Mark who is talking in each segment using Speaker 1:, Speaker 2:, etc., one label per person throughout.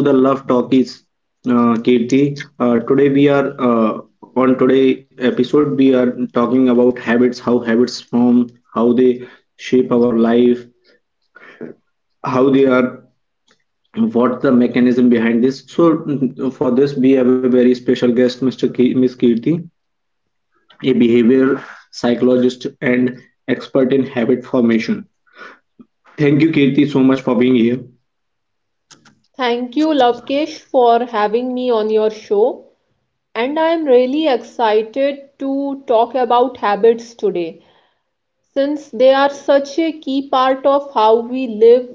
Speaker 1: Welcome to the Love Talkies, Kirti. Today we are on today episode we are talking about habits, how habits form, how they shape our life, how they are, what the mechanism behind this. So for this we have a very special guest, Miss Kirti, a behavior psychologist and expert in habit formation. Thank you, Kirti, so much for being here.
Speaker 2: Thank you, Lavkesh, for having me on your show. And I am really excited to talk about habits today, since they are such a key part of how we live,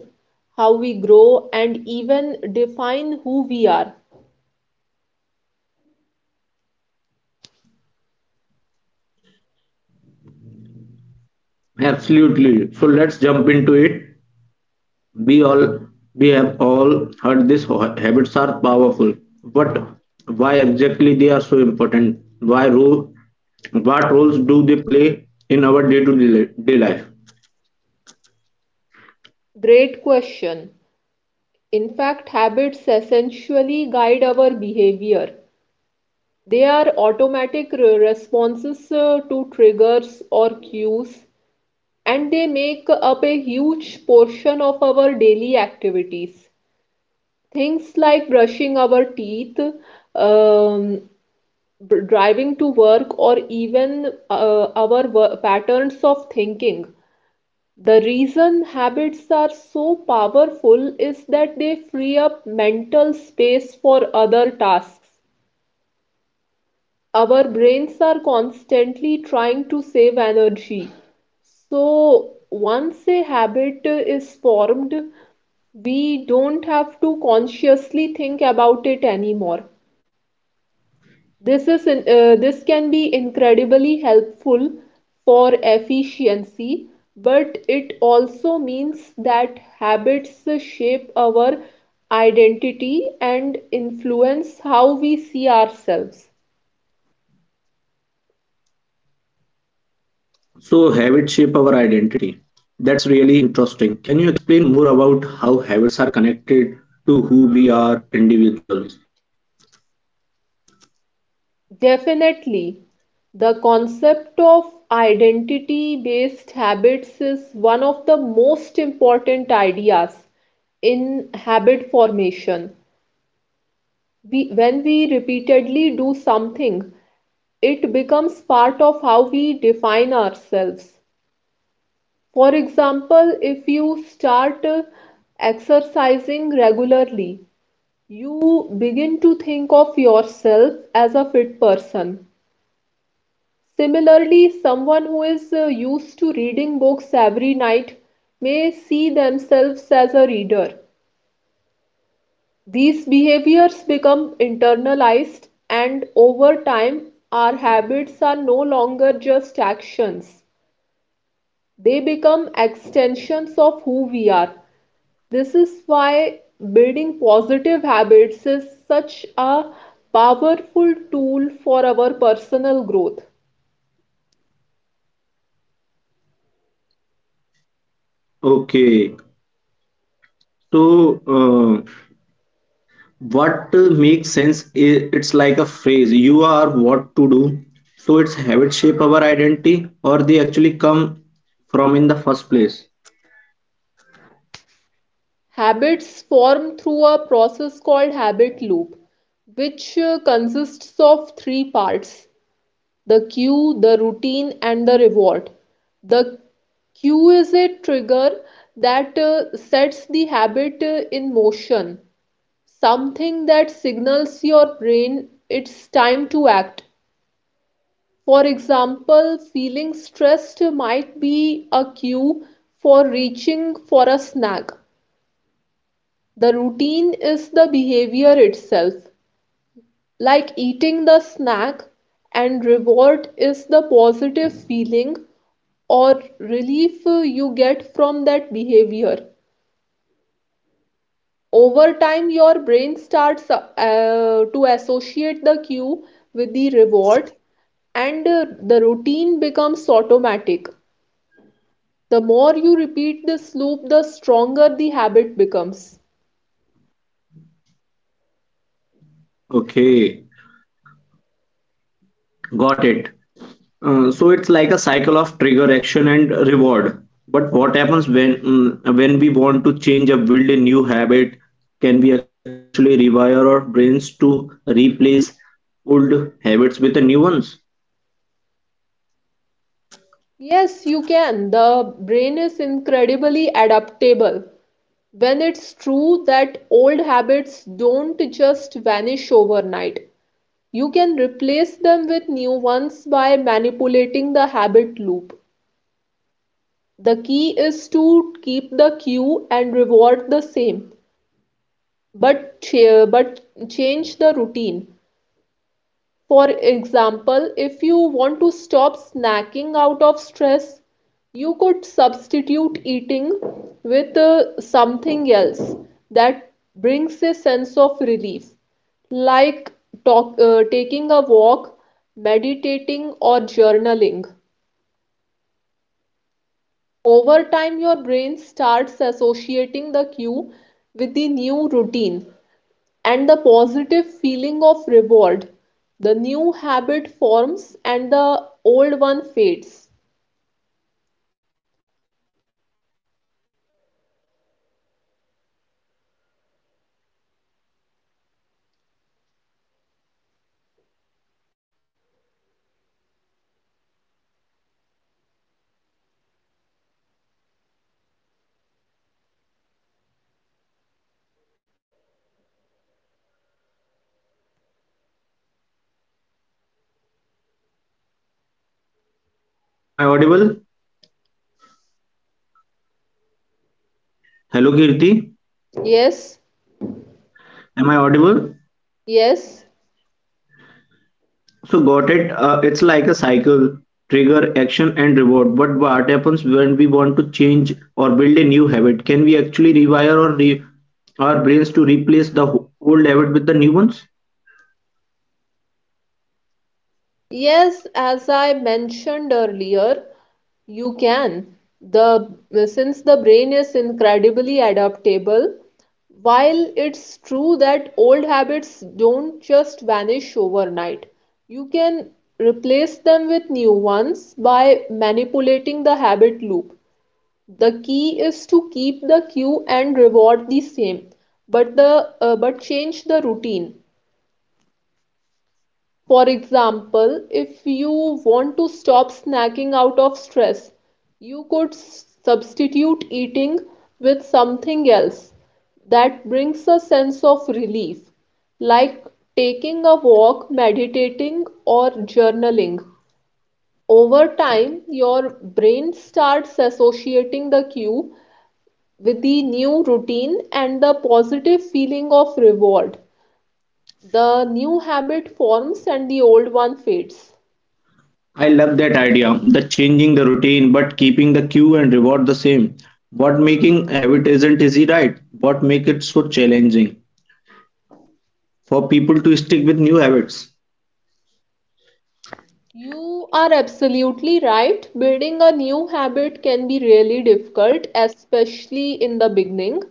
Speaker 2: how we grow, and even define who we are.
Speaker 1: Absolutely. So let's jump into it. We all we have all heard this habits are powerful, but why exactly they are so important? Why rule? What roles do they play in our day-to-day life?
Speaker 2: Great question. In fact, habits essentially guide our behavior. They are automatic responses to triggers or cues, and they make up a huge portion of our daily activities. Things like brushing our teeth, um, driving to work, or even patterns of thinking. The reason habits are so powerful is that they free up mental space for other tasks. Our brains are constantly trying to save energy. So once a habit is formed, we don't have to consciously think about it anymore. This can be incredibly helpful for efficiency, but it also means that habits shape our identity and influence how we see ourselves.
Speaker 1: So habits shape our identity. That's really interesting. Can you explain more about how habits are connected to who we are individuals?
Speaker 2: Definitely. The concept of identity-based habits is one of the most important ideas in habit formation. When we repeatedly do something, it becomes part of how we define ourselves. For example, if you start exercising regularly, you begin to think of yourself as a fit person. Similarly, someone who is used to reading books every night may see themselves as a reader. These behaviors become internalized, and over time, our habits are no longer just actions, they become extensions of who we are. This is why building positive habits is such a powerful tool for our personal growth.
Speaker 1: Okay, so what makes sense is it's like a phrase you are what to do. So its habits shape our identity or they actually come from in the first place.
Speaker 2: Habits form through a process called habit loop, which consists of three parts: the cue, the routine, and the reward. The cue is a trigger that sets the habit in motion, something that signals your brain it's time to act. For example, feeling stressed might be a cue for reaching for a snack. The routine is the behavior itself, like eating the snack, and reward is the positive feeling or relief you get from that behavior. Over time, your brain starts to associate the cue with the reward, and the routine becomes automatic. The more you repeat this loop, the stronger the habit becomes.
Speaker 1: Okay, got it. So it's like a cycle of trigger action and reward. But what happens when when we want to change or build a new habit? Can we actually rewire our brains to replace old habits with the new ones?
Speaker 2: Yes, you can. The brain is incredibly adaptable. When it's true that old habits don't just vanish overnight, you can replace them with new ones by manipulating the habit loop. The key is to keep the cue and reward the same, but change the routine. For example, if you want to stop snacking out of stress, you could substitute eating with something else that brings a sense of relief, like taking a walk, meditating, or journaling. Over time, your brain starts associating the cue with the new routine, and the positive feeling of reward. The new habit forms and the old one fades.
Speaker 1: Am I audible? Hello, Kirti.
Speaker 2: Yes,
Speaker 1: Am I audible?
Speaker 2: yes,
Speaker 1: So got it. It's like a cycle, trigger, action, and reward. But what happens when we want to change or build a new habit? Can we actually our brains to replace the old habit with the new ones?
Speaker 2: yes, as I mentioned earlier, you can. The since the brain is incredibly adaptable, while it's true that old habits don't just vanish overnight, you can replace them with new ones by manipulating the habit loop. The key is to keep the cue and reward the same, but change the routine. For example, if you want to stop snacking out of stress, you could substitute eating with something else that brings a sense of relief, like taking a walk, meditating, or journaling. Over time, your brain starts associating the cue with the new routine and the positive feeling of reward. The new habit forms and the old one fades.
Speaker 1: I love that idea. The changing the routine, but keeping the cue and reward the same. What making habit isn't easy, right? What make it so challenging for people to stick with new habits?
Speaker 2: You are absolutely right. Building a new habit can be really difficult, especially in the beginning.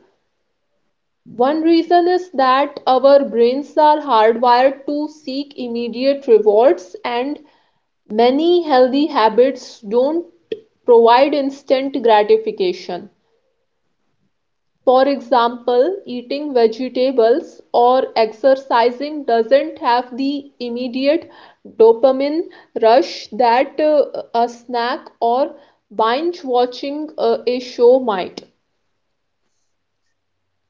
Speaker 2: One reason is that our brains are hardwired to seek immediate rewards, and many healthy habits don't provide instant gratification. For example, eating vegetables or exercising doesn't have the immediate dopamine rush that a snack or binge watching a show might.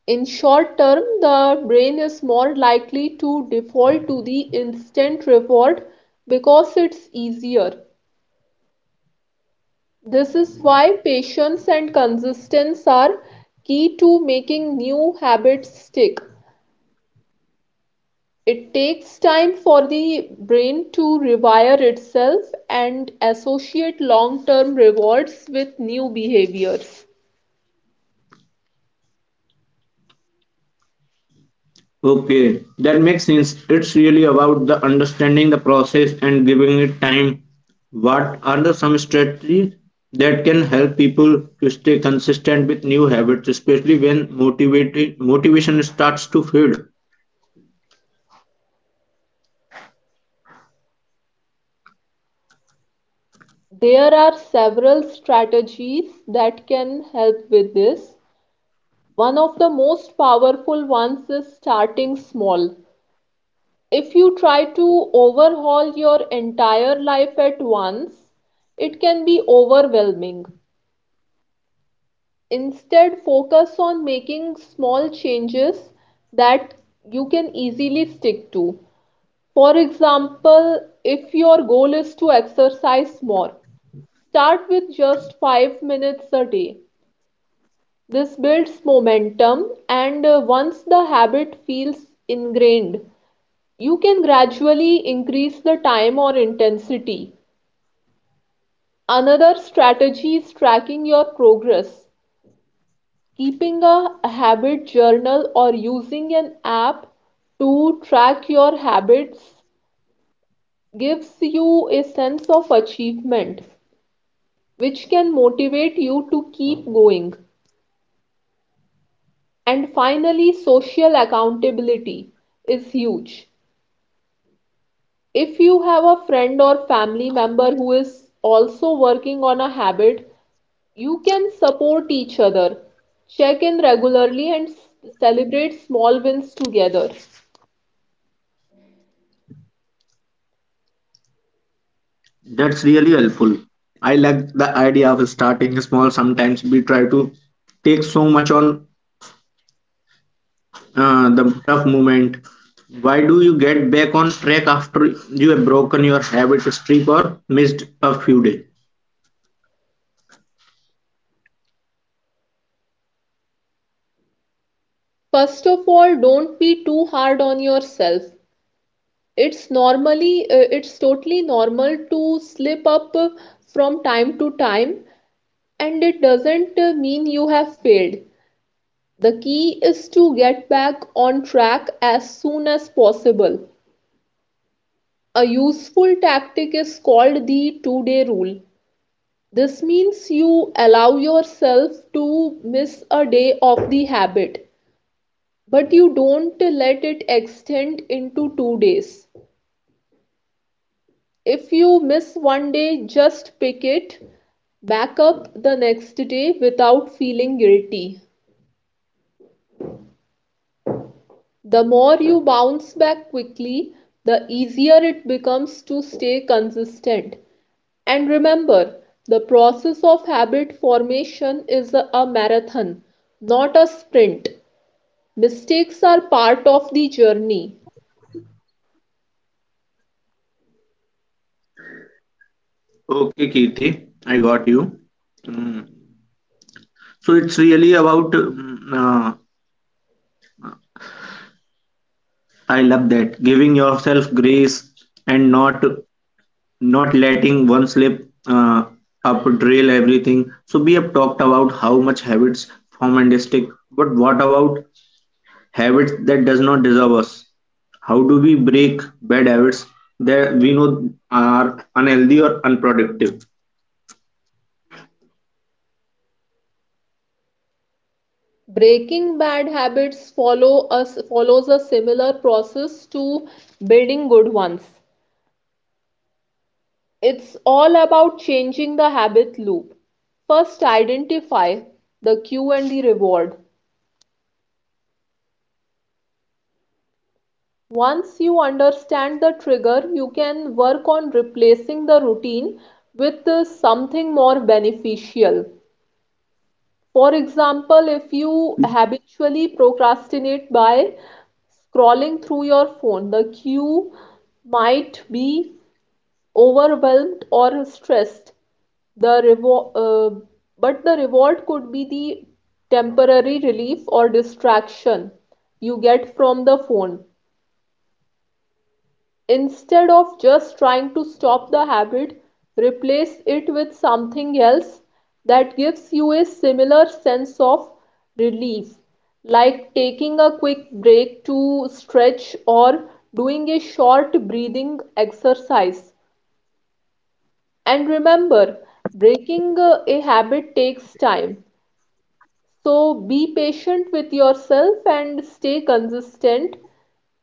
Speaker 2: In short term, the brain is more likely to default to the instant reward because it's easier. This is why patience and consistency are key to making new habits stick. It takes time for the brain to rewire itself and associate long term rewards with new behaviors.
Speaker 1: Okay, that makes sense. It's really about the understanding the process and giving it time. What are the some strategies that can help people to stay consistent with new habits, especially when motivated motivation starts to fade?
Speaker 2: There are several strategies that can help with this. One of the most powerful ones is starting small. If you try to overhaul your entire life at once, it can be overwhelming. Instead, focus on making small changes that you can easily stick to. For example, if your goal is to exercise more, start with just 5 minutes a day. This builds momentum, and once the habit feels ingrained, you can gradually increase the time or intensity. Another strategy is tracking your progress. Keeping a habit journal or using an app to track your habits gives you a sense of achievement, which can motivate you to keep going. And finally, social accountability is huge. If you have a friend or family member who is also working on a habit, you can support each other, check in regularly, and celebrate small wins together.
Speaker 1: That's really helpful. I like the idea of starting small. Sometimes we try to take so much on the tough moment. Why do you get back on track after you have broken your habit streak or missed a few days?
Speaker 2: First of all, don't be too hard on yourself. It's totally normal to slip up from time to time, and it doesn't mean you have failed. The key is to get back on track as soon as possible. A useful tactic is called the 2 day rule. This means you allow yourself to miss a day of the habit, but you don't let it extend into 2 days. If you miss one day, just pick it back up the next day without feeling guilty. The more you bounce back quickly, the easier it becomes to stay consistent. And remember, the process of habit formation is a marathon, not a sprint. Mistakes are part of the journey.
Speaker 1: Okay, Kirti, I got you. So it's really about, I love that, giving yourself grace and not letting one slip up drill everything. So we have talked about how much habits form and stick, but what about habits that does not deserve us? How do we break bad habits that we know are unhealthy or unproductive?
Speaker 2: Breaking bad habits follow us follows a similar process to building good ones. It's all about changing the habit loop. First, identify the cue and the reward. Once you understand the trigger, you can work on replacing the routine with something more beneficial. For example, if you habitually procrastinate by scrolling through your phone, the cue might be overwhelmed or stressed, the revol- uh, but the reward could be the temporary relief or distraction you get from the phone. Instead of just trying to stop the habit, replace it with something else that gives you a similar sense of relief, like taking a quick break to stretch or doing a short breathing exercise. And remember, breaking a habit takes time. So be patient with yourself and stay consistent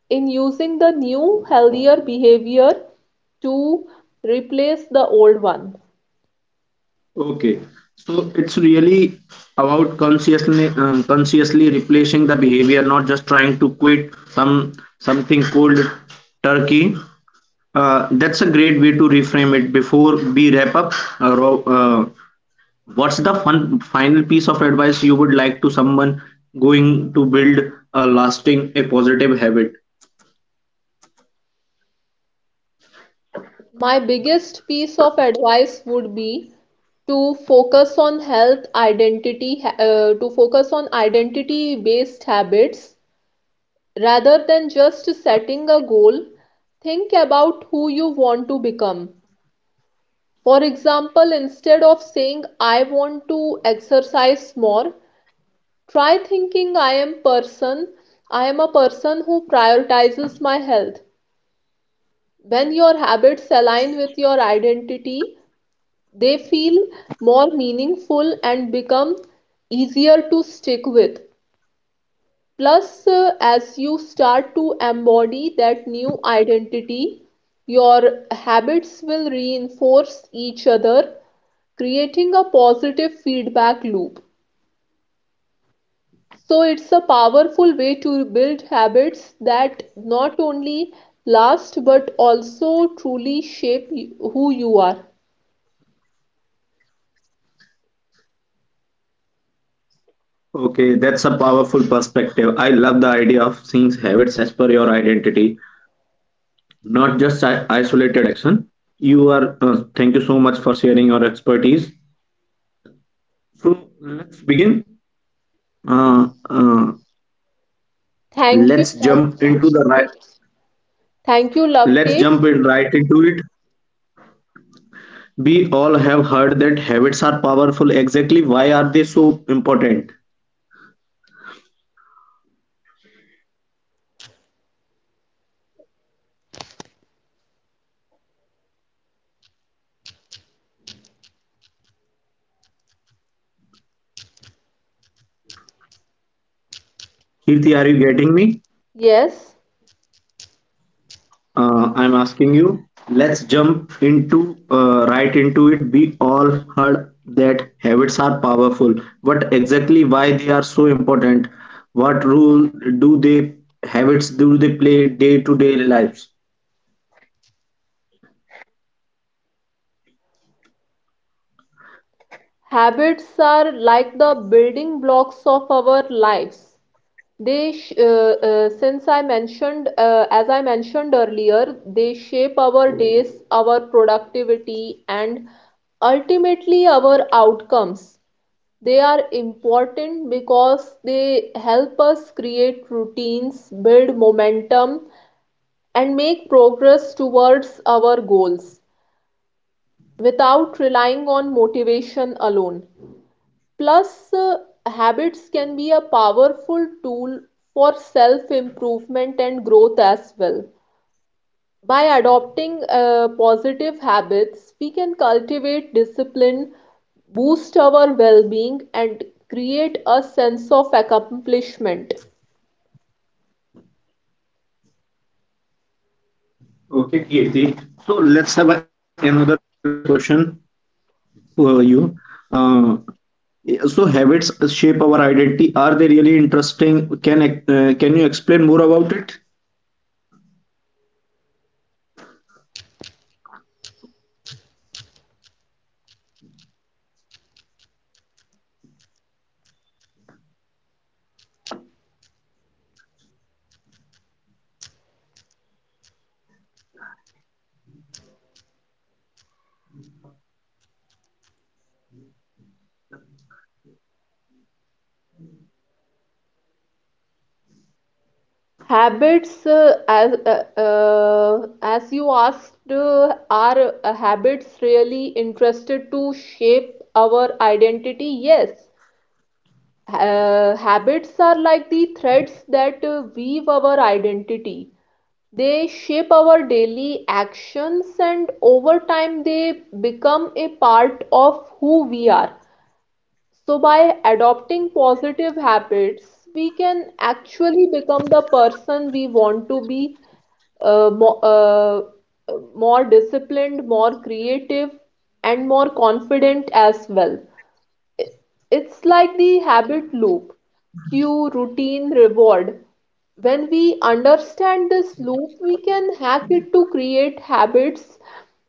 Speaker 2: in using the new, healthier behavior to replace the old one.
Speaker 1: Okay, so it's really about consciously replacing the behavior, not just trying to quit something cold turkey. That's a great way to reframe it. Before we wrap up, uh, Ro- uh, what's the fun, final piece of advice you would like to someone going to build a lasting, a positive habit?
Speaker 2: My biggest piece of advice would be to focus on identity based habits rather than just setting a goal. Think about who you want to become. For example, instead of saying I want to exercise more, try thinking I am a person who prioritizes my health. When your habits align with your identity, they feel more meaningful and become easier to stick with. Plus, as you start to embody that new identity, your habits will reinforce each other, creating a positive feedback loop. So it's a powerful way to build habits that not only last but also truly shape who you are.
Speaker 1: Okay, that's a powerful perspective. I love the idea of seeing habits as per your identity, not just isolated action. You are, thank you so much for sharing your expertise. So let's begin. Uh, uh,
Speaker 2: Thank you,
Speaker 1: let's jump into
Speaker 2: Lovekesh.
Speaker 1: the right.
Speaker 2: It Thank you,
Speaker 1: Let's
Speaker 2: Lovekesh.
Speaker 1: jump in right into it. We all have heard that habits are powerful. Exactly, why are they so important? Kirti, are you getting me?
Speaker 2: Yes,
Speaker 1: I'm asking you, let's jump into right into it. We all heard that habits are powerful. What exactly why they are so important? What role do they habits do they play day to day lives?
Speaker 2: habits are like the building blocks of our lives. They sh- since I mentioned as I mentioned earlier, they shape our days, our productivity, and ultimately our outcomes. They are important because they help us create routines, build momentum, and make progress towards our goals without relying on motivation alone. Plus, habits can be a powerful tool for self improvement and growth as well. By adopting positive habits, we can cultivate discipline, boost our well being, and create a sense of accomplishment.
Speaker 1: Okay, Kirti. So let's have another question for you. Uh, so habits shape our identity. Are they really interesting? Can you explain more about it?
Speaker 2: Habits, as you asked, are Habits really interested to shape our identity? Yes. Habits are like the threads that weave our identity. They shape our daily actions, and over time, they become a part of who we are. So, by adopting positive habits, we can actually become the person we want to be, uh, mo- uh, more disciplined, more creative, and more confident as well. It's like the habit loop, cue, routine, reward. When we understand this loop, we can hack it to create habits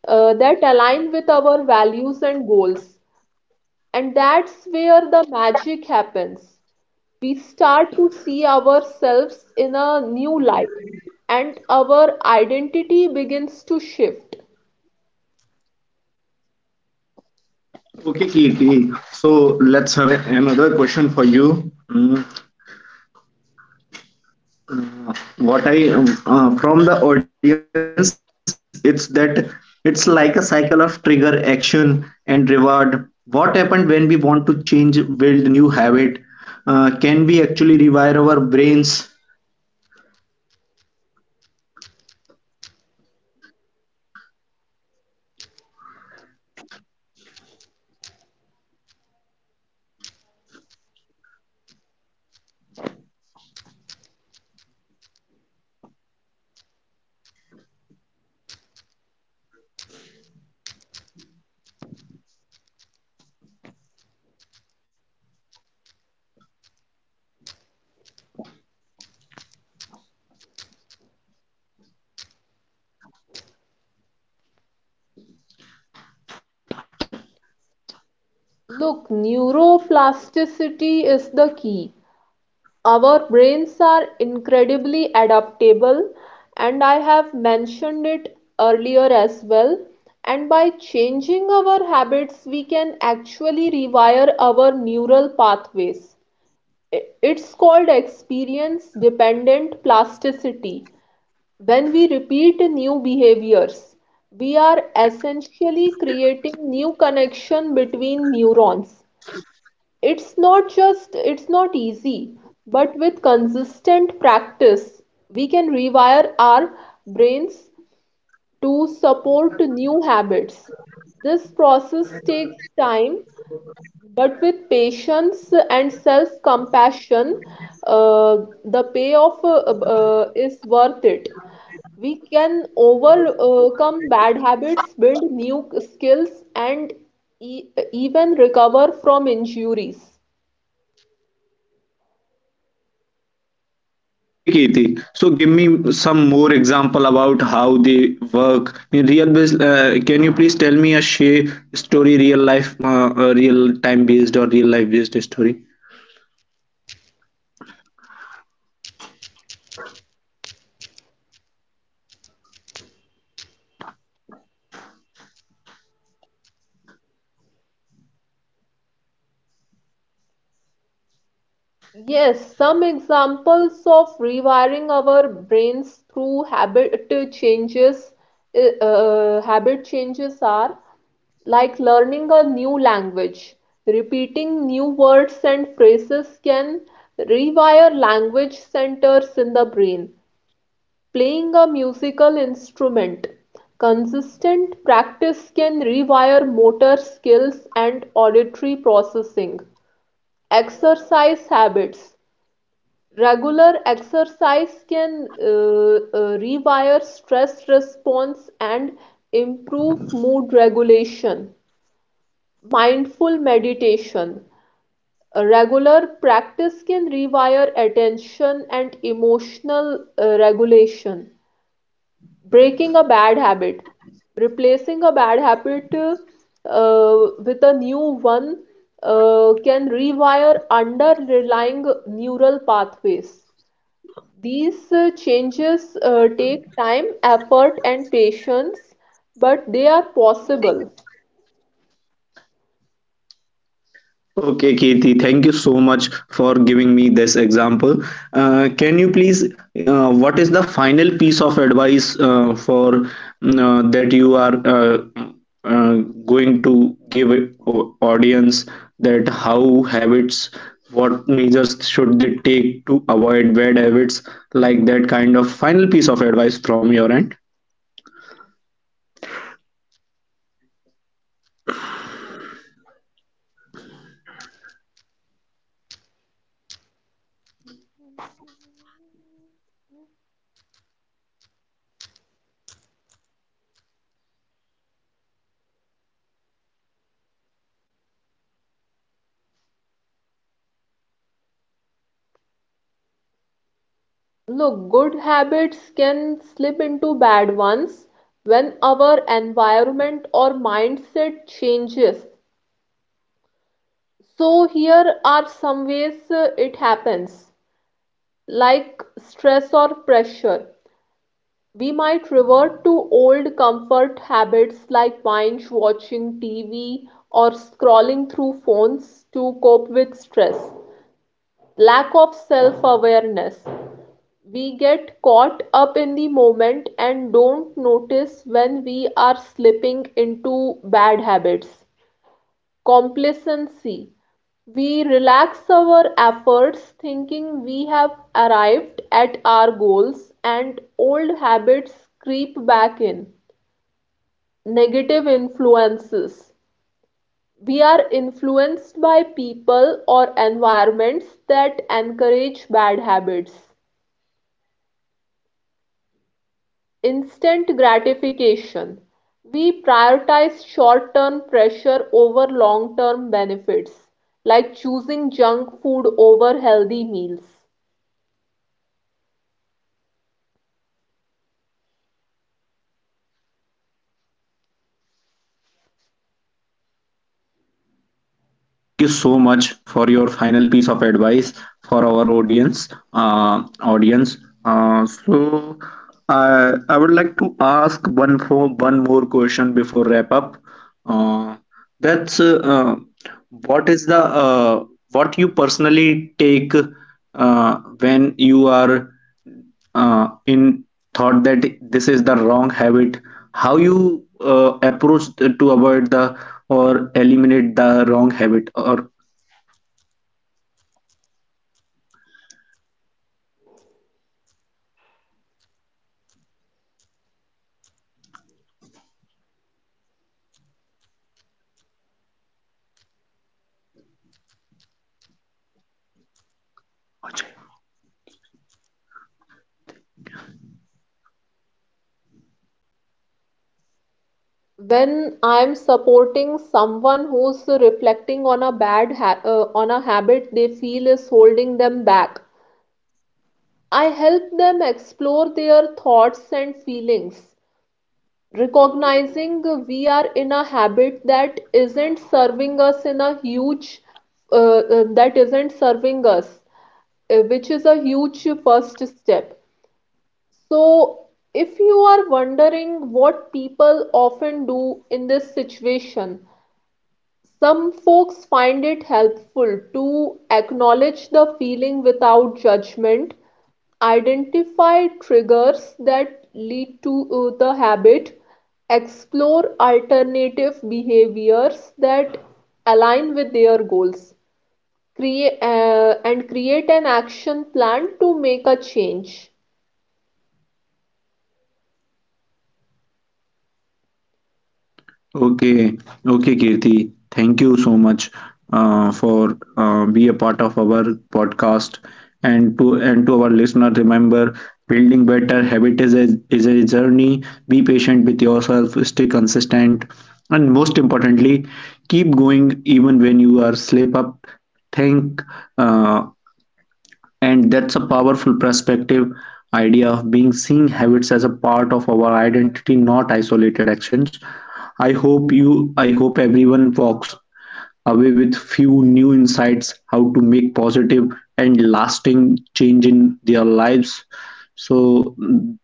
Speaker 2: that align with our values and goals. And that's where the magic happens. We start to see ourselves in a new light, and our identity begins to shift.
Speaker 1: Okay, Kirti. So let's have another question for you. Mm, What I from the audience, it's that it's like a cycle of trigger, action, and reward. What happened when we want to change, build new habit? Can we actually rewire our brains?
Speaker 2: Look, neuroplasticity is the key. Our brains are incredibly adaptable, and I have mentioned it earlier as well. And by changing our habits, we can actually rewire our neural pathways. It's called experience dependent plasticity. When we repeat new behaviors, we are essentially creating new connection between neurons. It's not easy, but with consistent practice, we can rewire our brains to support new habits. This process takes time, but with patience and self compassion, uh, the payoff is worth it. We can overcome bad habits, build new skills, and even recover from injuries.
Speaker 1: Okay, Kirti. So give me some more example about how they work in real base. Can you please tell me a share story, real life, real time based or real life based story?
Speaker 2: Yes, some examples of rewiring our brains through habit changes are like learning a new language. Repeating new words and phrases can rewire language centers in the brain. Playing a musical instrument. Consistent practice can rewire motor skills and auditory processing. Exercise habits. Regular exercise can rewire stress response and improve mood regulation. Mindful meditation. A regular practice can rewire attention and emotional regulation. Breaking a bad habit. Replacing a bad habit with a new one can rewire under-relying neural pathways. These changes take time, effort, and patience, but they are possible.
Speaker 1: Okay, Kethi, thank you so much for giving me this example. Can you please, what is the final piece of advice that you are uh, going to give it audience that how habits, what measures should they take to avoid bad habits, like that kind of final piece of advice from your end?
Speaker 2: Look, good habits can slip into bad ones when our environment or mindset changes. So, here are some ways it happens, like stress or pressure. We might revert to old comfort habits like binge watching TV or scrolling through phones to cope with stress. Lack of self awareness. We get caught up in the moment and don't notice when we are slipping into bad habits. Complacency. We relax our efforts thinking we have arrived at our goals, and old habits creep back in. Negative influences. We are influenced by people or environments that encourage bad habits. Instant gratification. We prioritize short term pressure over long term benefits, like choosing junk food over healthy meals.
Speaker 1: Thank you so much for your final piece of advice for our audience. Audience. So I would like to ask one more question before wrap up. Uh, that's what is the uh, what you personally take uh, when you are in thought that this is the wrong habit how you approach the, to avoid the or eliminate the wrong habit or okay.
Speaker 2: When I'm supporting someone who's reflecting on a habit they feel is holding them back, I help them explore their thoughts and feelings, recognizing we are in a habit that isn't serving us in a huge, that isn't serving us, which is a huge first step. So, if you are wondering what people often do in this situation, some folks find it helpful to acknowledge the feeling without judgment, identify triggers that lead to the habit, explore alternative behaviors that align with their goals, and create an action plan to make a change.
Speaker 1: Okay, okay, Kirti. Thank you so much for be a part of our podcast and to our listener. Remember, building better habit is a journey. Be patient with yourself. Stay consistent, and most importantly, keep going even when you are slip up. Think. Uh, and that's a powerful perspective idea of being seeing habits as a part of our identity, not isolated actions. I hope everyone walks away with few new insights how to make positive and lasting change in their lives. So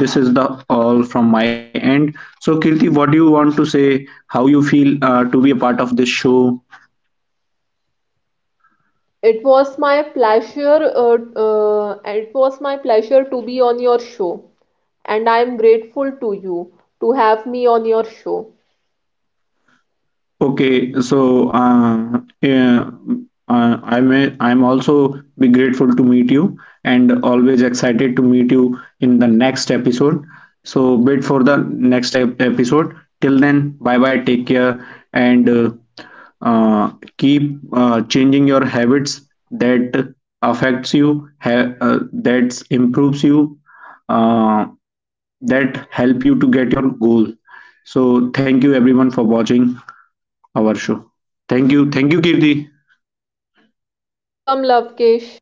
Speaker 1: this is the all from my end. So Kirti, what do you want to say? How you feel to be a part of this show?
Speaker 2: It was my pleasure to be on your show, and I am grateful to you to have me on your show.
Speaker 1: Okay, so yeah, I'm also be grateful to meet you and always excited to meet you in the next episode. So wait for the next episode. Till then, bye bye, take care, and uh, keep changing your habits that that improves you, uh, that help you to get your goal. So thank you everyone for watching our show. Thank you. Thank you, Kirti.
Speaker 2: Welcome, Lavkesh.